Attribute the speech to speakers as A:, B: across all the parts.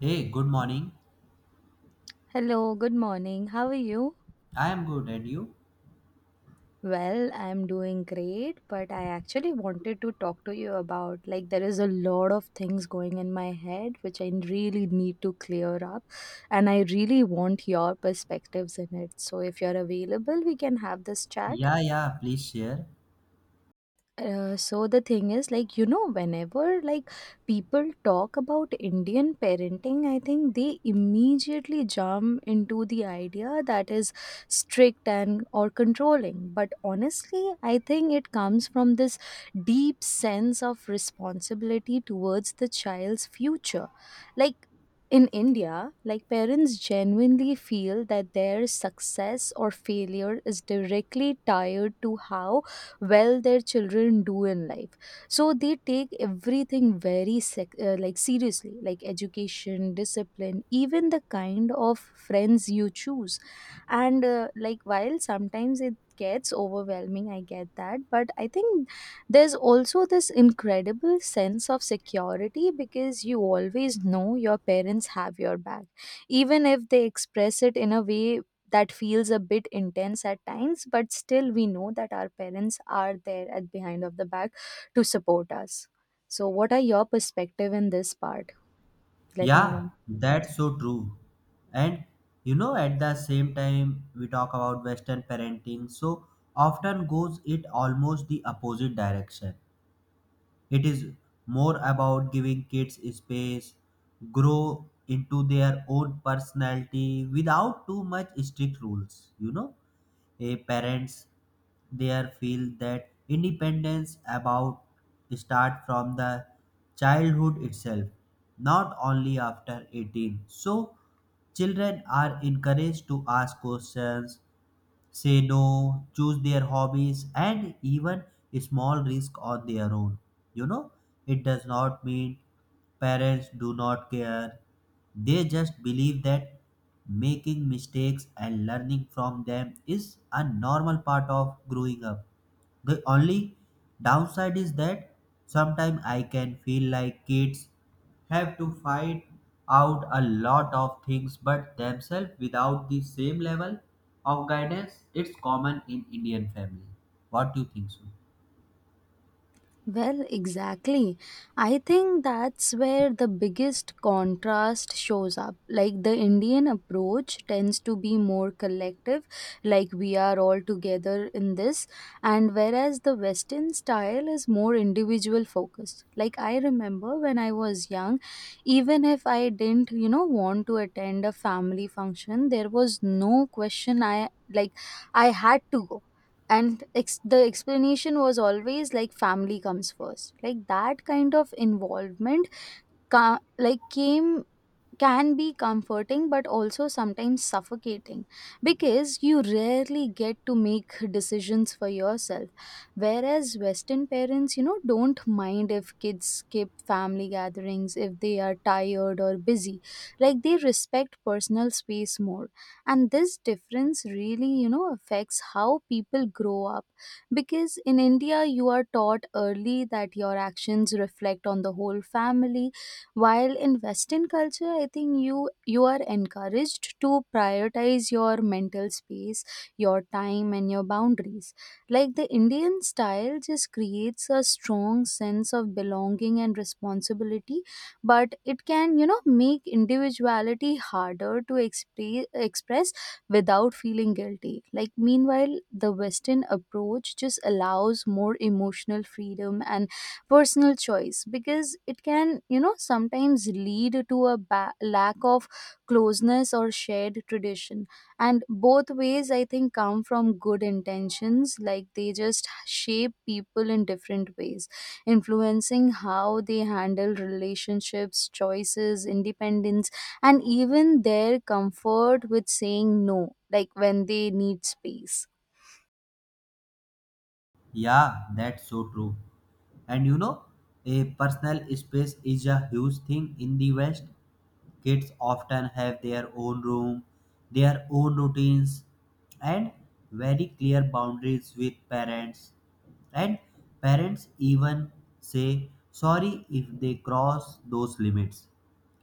A: Hey, good morning.
B: Hello, good morning. How are you?
A: I am good, and you?
B: Well, I'm doing great, but I actually wanted to talk to you about, like, there is a lot of things going in my head which I really need to clear up, and I really want your perspectives in it. So if you're available, we can have this chat.
A: Yeah, yeah, please share.
B: So the thing is, like, you know, whenever, like, people talk about Indian parenting, I think they immediately jump into the idea that is strict and or controlling, but honestly I think it comes from this deep sense of responsibility towards the child's future. Like, in India, like, parents genuinely feel that their success or failure is directly tied to how well their children do in life. So they take everything very like seriously, like education, discipline, even the kind of friends you choose. And like, while sometimes it gets overwhelming, I get that, but I think there's also this incredible sense of security because you always know your parents have your back, even if they express it in a way that feels a bit intense at times. But still, we know that our parents are there at behind of the back to support us. So what are your perspective in this part? Let me
A: Yeah,
B: know.
A: that's so true. And you know, at the same time, we talk about Western parenting, so often goes it almost the opposite direction. It is more about giving kids space, grow into their own personality without too much strict rules. You know, a parents there feel that independence about start from the childhood itself, not only after 18. So children are encouraged to ask questions, say no, choose their hobbies, and even small risk on their own. You know, it does not mean parents do not care. They just believe that making mistakes and learning from them is a normal part of growing up. The only downside is that sometimes I can feel like kids have to fight out a lot of things but themselves without the same level of guidance. It's common in Indian family. What do you think so?
B: Well, exactly. I think that's where the biggest contrast shows up. Like, the Indian approach tends to be more collective, like we are all together in this, and whereas the Western style is more individual focused. Like, I remember when I was young, even if I didn't, you know, want to attend a family function, there was no question, I like I had to go, and the explanation was always like family comes first. Like, that kind of involvement like came, can be comforting, but also sometimes suffocating because you rarely get to make decisions for yourself. Whereas Western parents, you know, don't mind if kids skip family gatherings if they are tired or busy. Like, they respect personal space more. And this difference really, you know, affects how people grow up, because in India you are taught early that your actions reflect on the whole family, while in Western culture I think you are encouraged to prioritize your mental space, your time, and your boundaries. Like, the Indian style just creates a strong sense of belonging and responsibility, but it can, you know, make individuality harder to express without feeling guilty. Like, meanwhile the Western approach just allows more emotional freedom and personal choice, because it can, you know, sometimes lead to a lack of closeness or shared tradition. And both ways, I think, come from good intentions. Like, they just shape people in different ways, influencing how they handle relationships, choices, independence, and even their comfort with saying no, like when they need space.
A: Yeah, that's so true. And you know, a personal space is a huge thing in the West. Kids often have their own room, their own routines, and very clear boundaries with parents. And parents even say sorry if they cross those limits.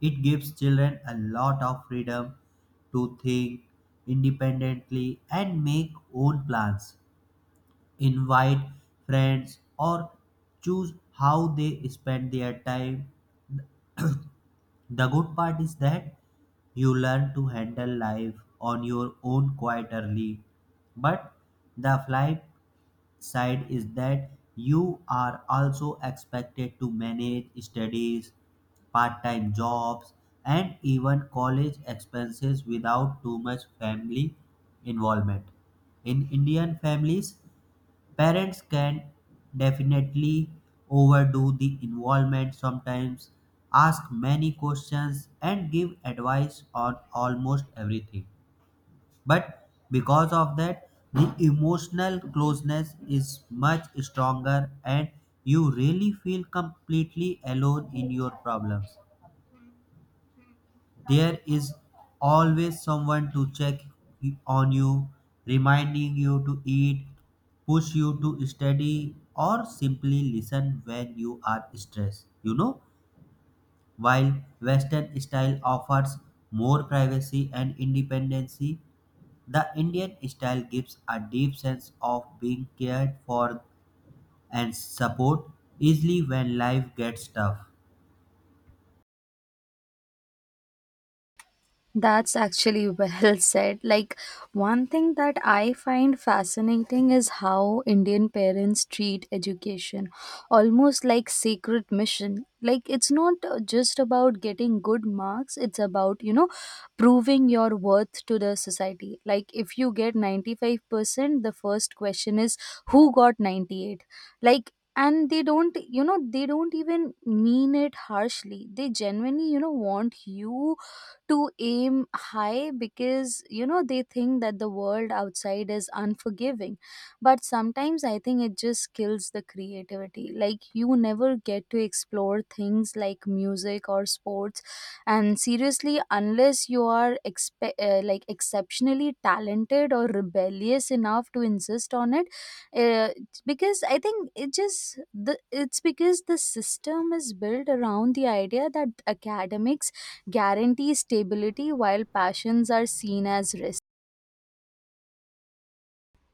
A: It gives children a lot of freedom to think independently and make own plans, invite friends, or choose how they spend their time. The good part is that you learn to handle life on your own quite early. But the flip side is that you are also expected to manage studies, part time jobs, and even college expenses without too much family involvement. In Indian families, parents can definitely overdo the involvement, sometimes ask many questions, and give advice on almost everything. But because of that, the emotional closeness is much stronger, and you really feel completely alone in your problems. There is always someone to check on you, reminding you to eat, push you to study, or simply listen when you are stressed. You know, while Western style offers more privacy and independency, the Indian style gives a deep sense of being cared for and support easily when life gets tough.
B: That's actually well said. Like, one thing that I find fascinating is how Indian parents treat education almost like sacred mission. Like, it's not just about getting good marks, it's about, you know, proving your worth to the society. Like, if you get 95%, the first question is, who got 98? Like, and they don't, you know, they don't even mean it harshly. They genuinely, you know, want you to aim high, because you know they think that the world outside is unforgiving. But sometimes I think it just kills the creativity. Like, you never get to explore things like music or sports, and seriously, unless you are like exceptionally talented or rebellious enough to insist on it. uh, because I think it just the it's because the system is built around the idea that academics guarantees stability, while passions are seen as risk.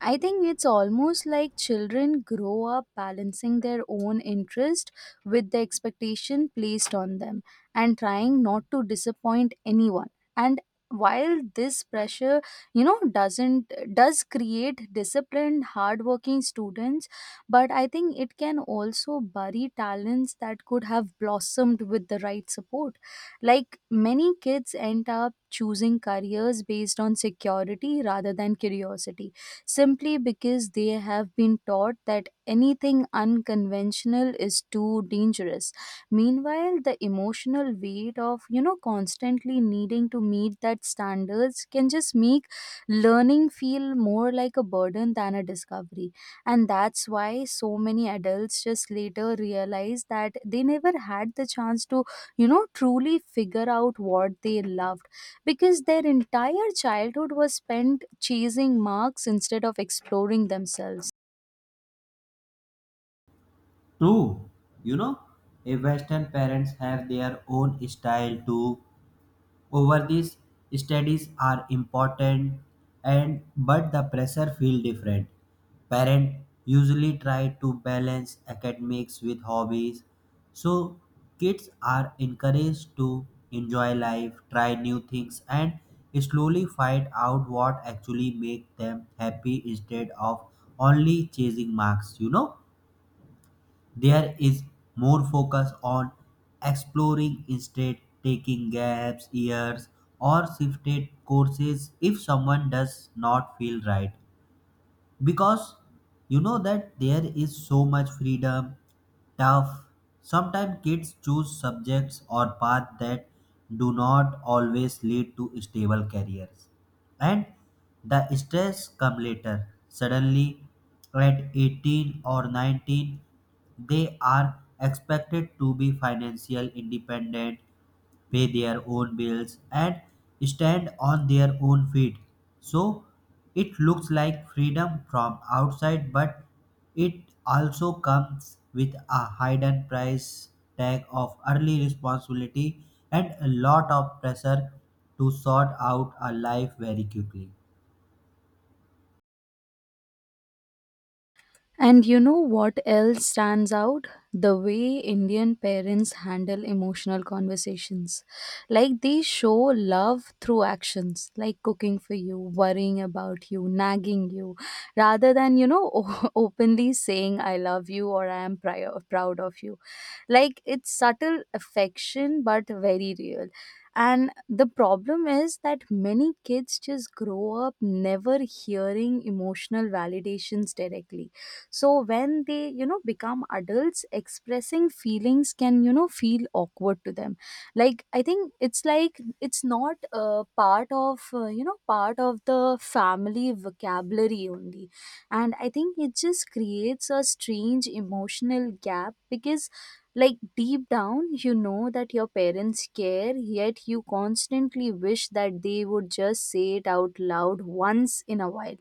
B: I think it's almost like children grow up balancing their own interest with the expectation placed on them, and trying not to disappoint anyone. And while this pressure, you know, doesn't does create disciplined, hardworking students, but I think it can also bury talents that could have blossomed with the right support. Like, many kids end up choosing careers based on security rather than curiosity, simply because they have been taught that anything unconventional is too dangerous. Meanwhile, the emotional weight of, you know, constantly needing to meet that standards can just make learning feel more like a burden than a discovery. And that's why so many adults just later realize that they never had the chance to, you know, truly figure out what they love, because their entire childhood was spent chasing marks instead of exploring themselves.
A: True. You know, a Western parents have their own style too. Over this, studies are important, and but the pressure feel different. Parent usually try to balance academics with hobbies, so kids are encouraged to enjoy life, try new things, and slowly find out what actually make them happy instead of only chasing marks. You know. There is more focus on exploring instead taking gaps years or shifted courses if someone does not feel right, because you know that there is so much freedom, tough sometimes kids choose subjects or paths that do not always lead to stable careers. And the stress come later suddenly at 18 or 19. They are expected to be financial independent, pay their own bills and stand on their own feet. So it looks like freedom from outside, but it also comes with a hidden price tag of early responsibility and a lot of pressure to sort out a life very quickly.
B: And you know what else stands out? The way Indian parents handle emotional conversations. Like, they show love through actions, like cooking for you, worrying about you, nagging you, rather than, you know, openly saying, I love you, or I am proud of you. Like, it's subtle affection, but very real. And the problem is that many kids just grow up never hearing emotional validations directly. So when they, you know, become adults, expressing feelings can, you know, feel awkward to them. Like, I think it's like it's not part of you know, part of the family vocabulary only. And I think it just creates a strange emotional gap, because like deep down you know that your parents care, yet you constantly wish that they would just say it out loud once in a while.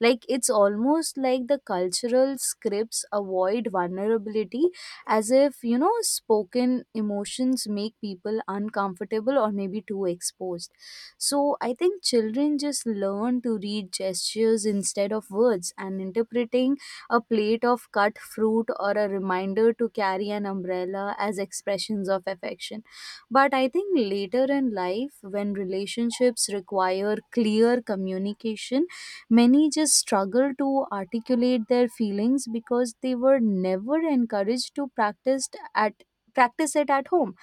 B: Like, it's almost like the cultural scripts avoid vulnerability, as if you know spoken emotions make people uncomfortable or maybe too exposed. So I think children just learn to read gestures instead of words, and interpreting a plate of cut fruit or a reminder to carry an umbrella as expressions of affection. But I think later in life, when relationships require clear communication, many just struggle to articulate their feelings, because they were never encouraged to practice it at home.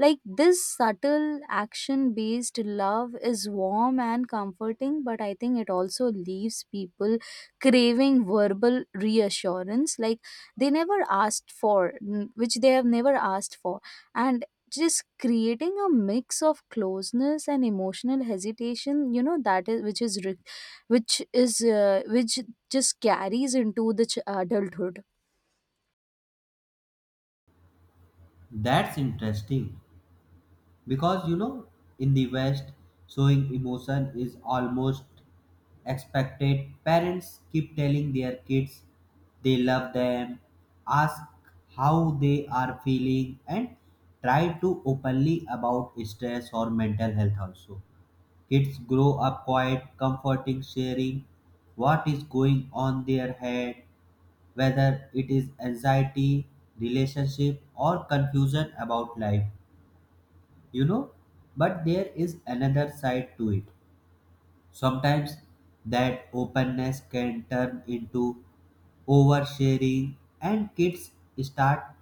B: Like, this subtle action based love is warm and comforting, but I think it also leaves people craving verbal reassurance, like they never asked which they have never asked for. And just creating a mix of closeness and emotional hesitation, you know, that is which is re- which is which just carries into the adulthood.
A: That's interesting because you know, in the West, showing emotion is almost expected. Parents keep telling their kids they love them, ask how they are feeling, and try to openly about stress or mental health also. Kids grow up quiet, comforting, sharing what is going on their head, whether it is anxiety, relationship, or confusion about life, you know. But there is another side to it. Sometimes that openness can turn into oversharing, and kids start.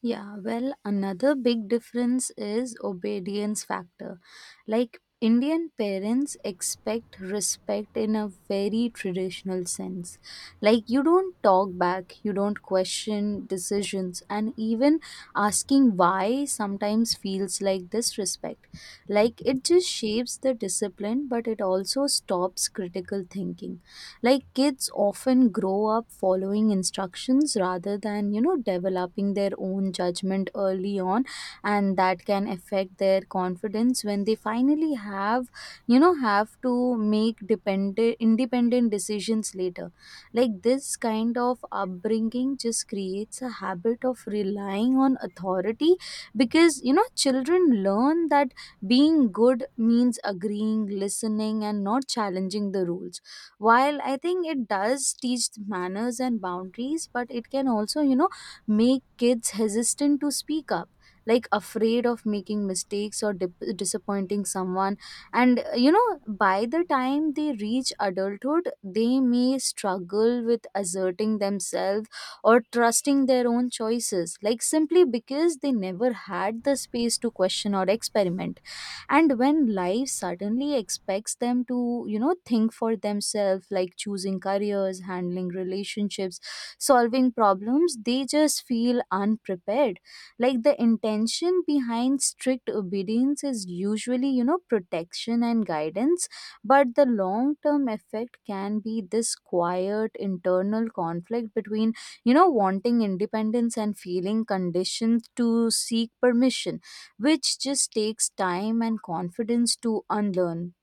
B: Yeah, well, another big difference is obedience factor. Like, Indian parents expect respect in a very traditional sense. Like, you don't talk back, you don't question decisions, and even asking why sometimes feels like disrespect. Like, it just shapes the discipline, but it also stops critical thinking. Like, kids often grow up following instructions rather than, you know, developing their own judgment early on, and that can affect their confidence when they finally have you know have to make dependent independent decisions later. Like, this kind of upbringing just creates a habit of relying on authority, because you know children learn that being good means agreeing, listening, and not challenging the rules. While I think it does teach manners and boundaries, but it can also, you know, make kids hesitant to speak up, like afraid of making mistakes or dip disappointing someone. And, you know, by the time they reach adulthood, they may struggle with asserting themselves or trusting their own choices, like simply because they never had the space to question or experiment. And when life suddenly expects them to, you know, think for themselves, like choosing careers, handling relationships, solving problems, they just feel unprepared. Like, the intention behind strict obedience is usually, you know, protection and guidance, but the long term effect can be this quiet internal conflict between, you know, wanting independence and feeling conditioned to seek permission, which just takes time and confidence to unlearn.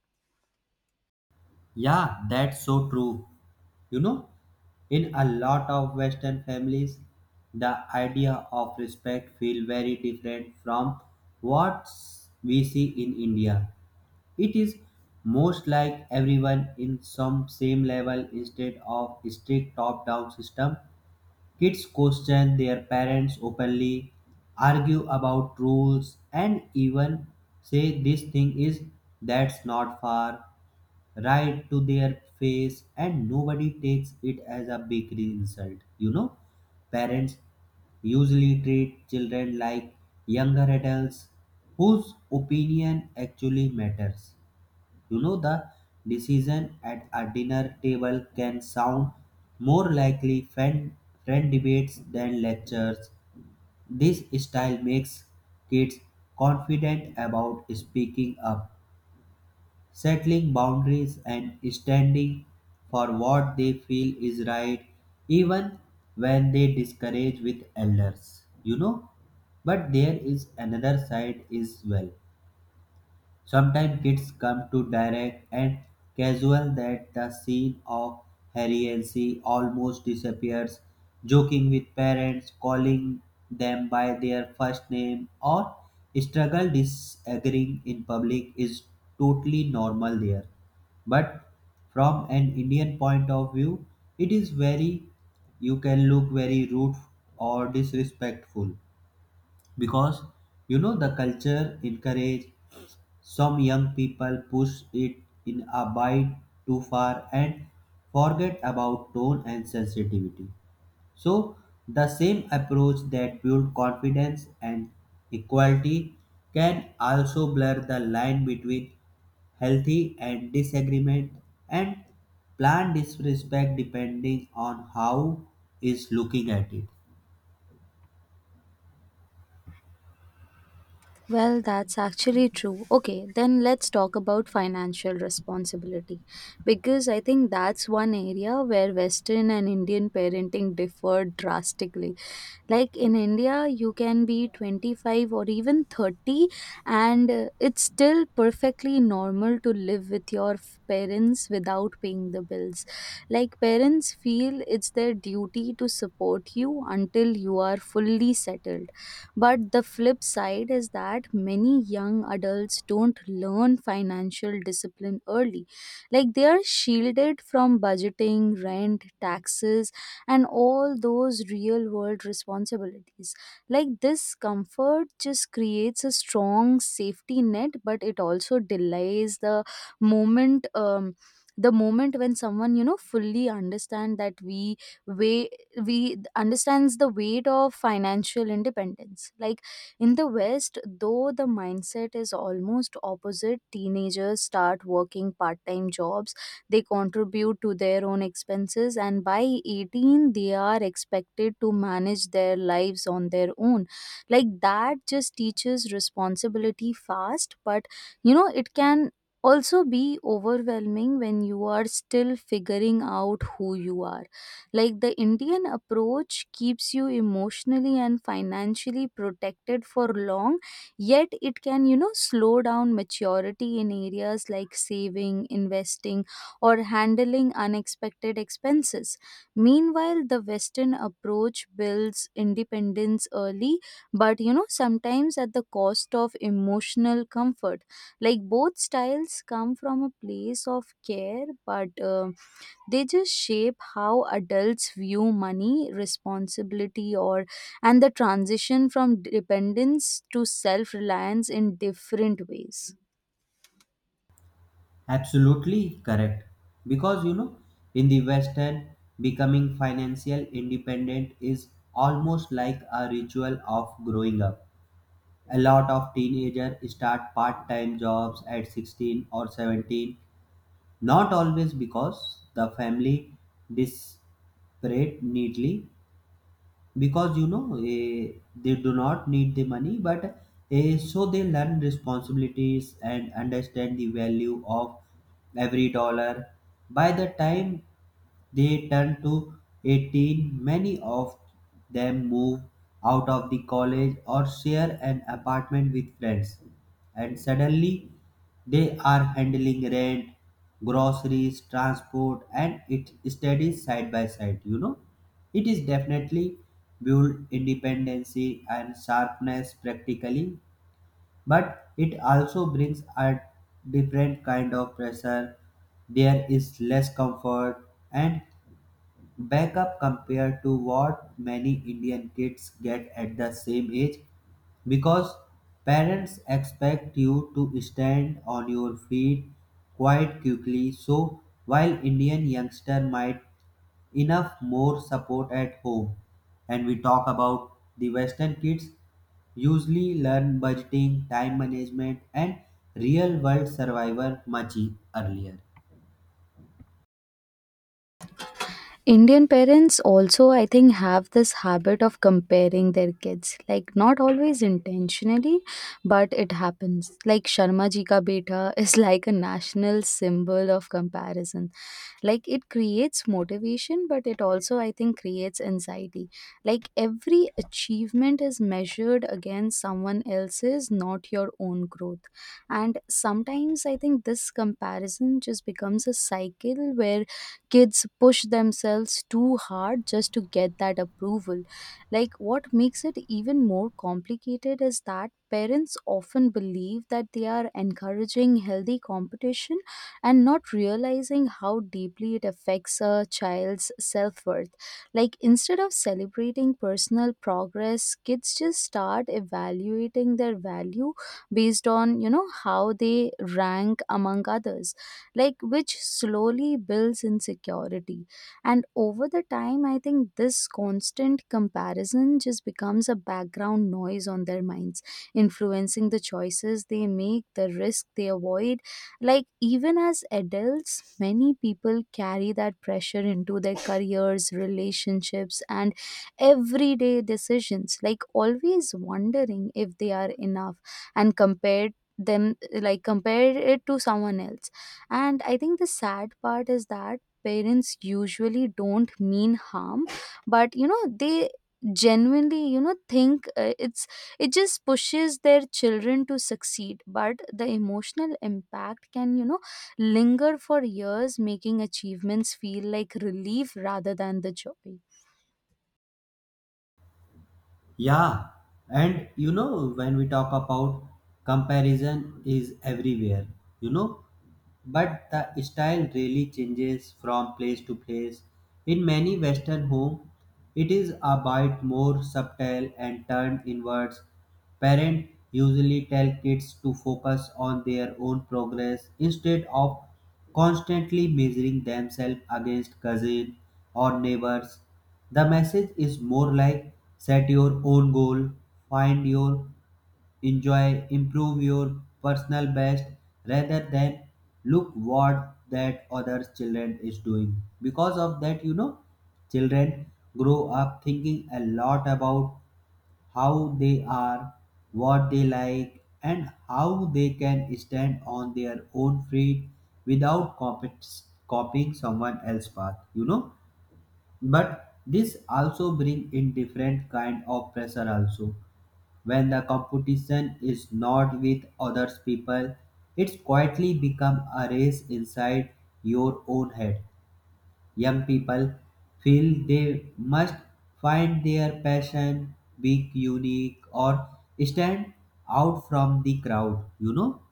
A: Yeah, that's so true. You know, in a lot of Western families, the idea of respect feel very different from what we see in India. It is most like everyone in some same level instead of strict top-down system. Kids question their parents openly, argue about rules, and even say this thing is that's not fair right to their face, and nobody takes it as a big insult. You know, parents usually treat children like younger adults whose opinion actually matters. You know, the decision at a dinner table can sound more likely friend debates than lectures. This style makes kids confident about speaking up, settling boundaries and standing for what they feel is right, even when they discourage with elders. You know, but there is another side as well. Sometimes kids come to direct and casual that the scene of heriancy almost disappears, joking with parents, calling them by their first name, or struggle disagreeing in public is totally normal there. But from an Indian point of view, it is very, you can look very rude or disrespectful, because you know the culture encourage some young people push it in a bit too far and forget about tone and sensitivity. So, the same approach that builds confidence and equality can also blur the line between healthy and disagreement and planned disrespect depending on how is looking at it.
B: Well, that's actually true. Okay, then let's talk about financial responsibility, because I think that's one area where Western and Indian parenting differ drastically. Like, in India, you can be 25 or even 30, and it's still perfectly normal to live with your parents without paying the bills. Like, parents feel it's their duty to support you until you are fully settled. But the flip side is that many young adults don't learn financial discipline early. Like, they are shielded from budgeting, rent, taxes, and all those real world responsibilities. Like, this comfort just creates a strong safety net, but it also delays the moment. The moment when someone, you know, fully understand that we weigh we understands the weight of financial independence. Like, in the West though, the mindset is almost opposite. Teenagers start working part-time jobs, they contribute to their own expenses, and by 18 they are expected to manage their lives on their own. Like, that just teaches responsibility fast, but you know it can also be overwhelming when you are still figuring out who you are. Like, the Indian approach keeps you emotionally and financially protected for long, yet it can, you know, slow down maturity in areas like saving, investing, or handling unexpected expenses. Meanwhile, the Western approach builds independence early, but you know, sometimes at the cost of emotional comfort. Like both styles come from a place of care, but they just shape how adults view money responsibility or and the transition from dependence to self-reliance in different ways.
A: Absolutely correct. Because you know, in the Western, becoming financial independent is almost like a ritual of growing up. A lot of teenagers start part time jobs at 16 or 17, not always because the family disparate neatly, because you know they do not need the money, but so they learn responsibilities and understand the value of every dollar. By the time they turn to 18, many of them move out of the college or share an apartment with friends, and suddenly they are handling rent, groceries, transport, and it studies side by side. You know, it is definitely build independency and sharpness practically, but it also brings a different kind of pressure. There is less comfort and backup compared to what many Indian kids get at the same age, because parents expect you to stand on your feet quite quickly. So while Indian youngster might enough more support at home, and we talk about the Western kids usually learn budgeting, time management and real world survival much earlier.
B: Indian parents also, I think, have this habit of comparing their kids, like not always intentionally, but it happens. Like Sharma ji ka beta is like a national symbol of comparison. Like it creates motivation, but it also, I think, creates anxiety. Like every achievement is measured against someone else's, not your own growth. And sometimes I think this comparison just becomes a cycle where kids push themselves too hard just to get that approval. Like what makes it even more complicated is that parents often believe that they are encouraging healthy competition and not realizing how deeply it affects a child's self worth. Like, instead of celebrating personal progress, kids just start evaluating their value based on, you know, how they rank among others, like, which slowly builds insecurity. And over the time, I think this constant comparison just becomes a background noise on their minds, influencing the choices they make, the risk they avoid, like, even as adults, many people carry that pressure into their careers, relationships, and everyday decisions, like, always wondering if they are enough and compare them, like compare it to someone else. And I think the sad part is that parents usually don't mean harm, but you know, they genuinely, you know, think it just pushes their children to succeed, but the emotional impact can, you know, linger for years, making achievements feel like relief rather than the joy.
A: Yeah, and you know, when we talk about comparison is everywhere, you know, but the style really changes from place to place. In many Western homes, it is a bit more subtle and turned inwards. Parents usually tell kids to focus on their own progress instead of constantly measuring themselves against cousins or neighbors. The message is more like set your own goal, find your enjoy, improve your personal best rather than look what that other children is doing. Because of that, you know, children grow up thinking a lot about how they are, what they like, and how they can stand on their own feet without copying someone else's path, you know. But this also bring in different kind of pressure also. When the competition is not with other people, it's quietly become a race inside your own head. Young people feel they must find their passion, be unique, or stand out from the crowd. You know,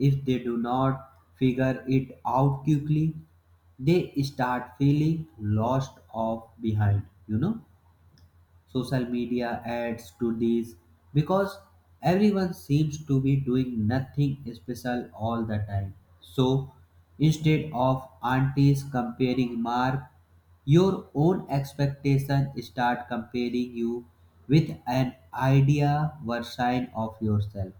A: if they do not figure it out quickly, they start feeling lost or behind. You know, social media adds to these because everyone seems to be doing nothing special all the time. So instead of aunties comparing mark, your own expectation start comparing you with an idea version of yourself.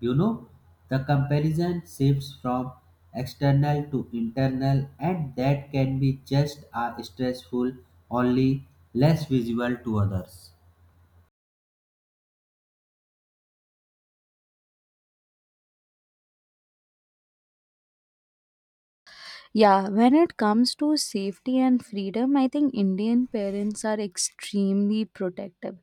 A: You know, the comparison shifts from external to internal, and that can be just as stressful, only less visible to others.
B: Yeah, when it comes to safety and freedom, I think Indian parents are extremely protective.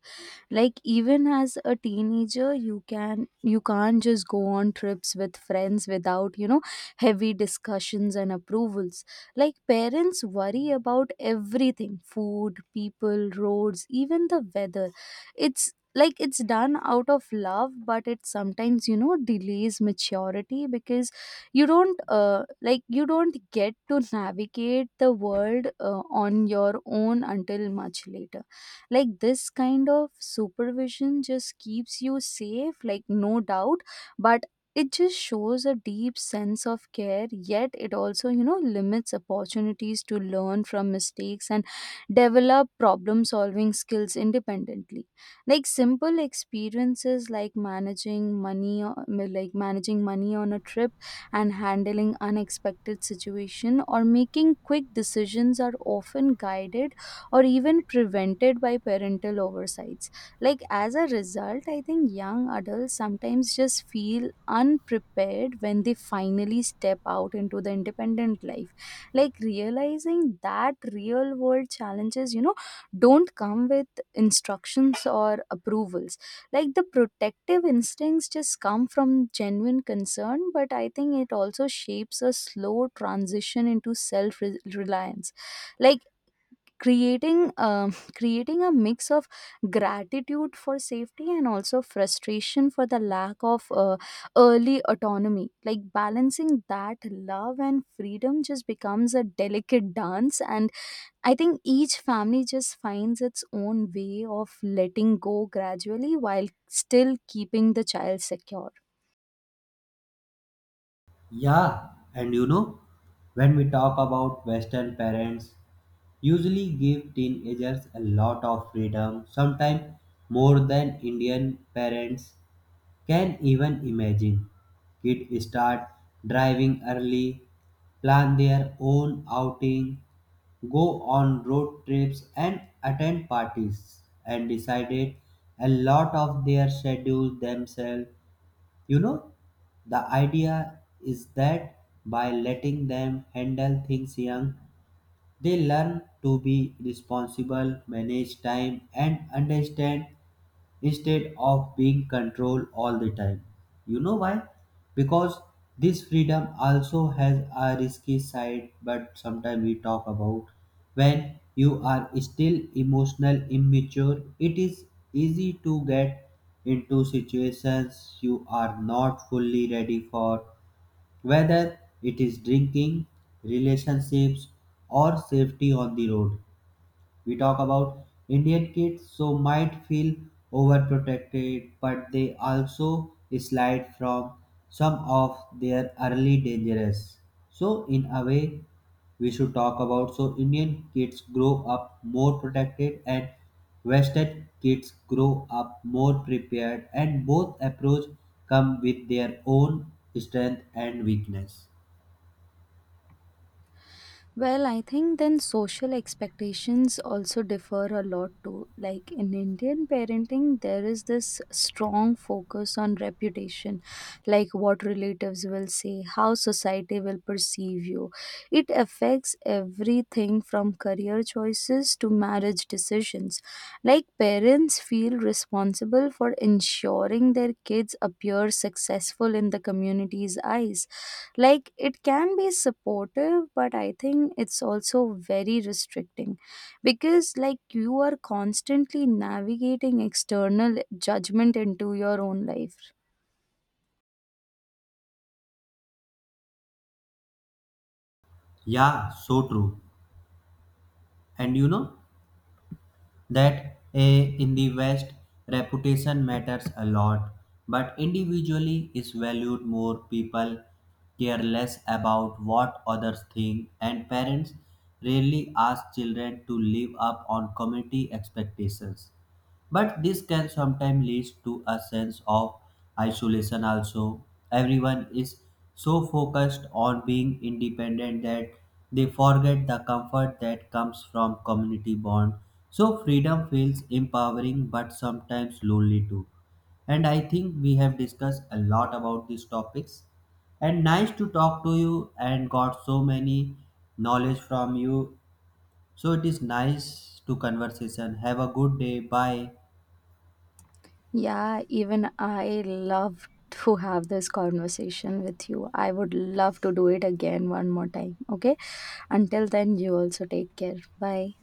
B: Like even as a teenager, you can't just go on trips with friends without, you know, heavy discussions and approvals. Like parents worry about everything, food, people, roads, even the weather. It's like it's done out of love, but it sometimes, you know, delays maturity because you don't like you don't get to navigate the world on your own until much later. Like this kind of supervision just keeps you safe, like no doubt, but it just shows a deep sense of care, yet it also, you know, limits opportunities to learn from mistakes and develop problem solving skills independently. Like simple experiences like like managing money on a trip and handling unexpected situations or making quick decisions are often guided or even prevented by parental oversights. Like, as a result, I think young adults sometimes just feel unprepared when they finally step out into the independent life. Like, realizing that real world challenges, you know, don't come with instructions or approvals. Like the protective instincts just come from genuine concern, but I think it also shapes a slow transition into self reliance. Like creating creating a mix of gratitude for safety and also frustration for the lack of early autonomy. Like balancing that love and freedom just becomes a delicate dance, and I think each family just finds its own way of letting go gradually while still keeping the child secure.
A: Yeah, and you know, when we talk about Western parents, usually give teenagers a lot of freedom, sometimes more than Indian parents. Can even imagine. Kids start driving early, plan their own outing, go on road trips and attend parties and decided a lot of their schedule themselves. You know, the idea is that by letting them handle things young, they learn to be responsible, manage time, and understand instead of being controlled all the time. You know why? Because this freedom also has a risky side, but sometimes we talk about when you are still emotional immature, it is easy to get into situations you are not fully ready for, whether it is drinking, relationships, or safety on the road. We talk about Indian kids, so might feel overprotected, but they also slide from some of their early dangerous. So, in a way, we should talk about so Indian kids grow up more protected and Western kids grow up more prepared, and both approach come with their own strength and weakness.
B: Well, I think then social expectations also differ a lot too. Like in Indian parenting, there is this strong focus on reputation, like what relatives will say, how society will perceive you. It affects everything from career choices to marriage decisions. Like parents feel responsible for ensuring their kids appear successful in the community's eyes. Like it can be supportive, but I think it's also very restricting, because like you are constantly navigating external judgment into your own life.
A: Yeah, so true. And you know, that in the West, reputation matters a lot, but individually is valued more. People care less about what others think, and parents rarely ask children to live up on community expectations. But this can sometimes lead to a sense of isolation also. Everyone is so focused on being independent that they forget the comfort that comes from community bond. So freedom feels empowering but sometimes lonely too. And I think we have discussed a lot about these topics. And nice to talk to you and got so many knowledge from you. So it is nice to conversation. Have a good day. Bye.
B: Yeah, even I love to have this conversation with you. I would love to do it again one more time. Okay, until then, you also take care. Bye.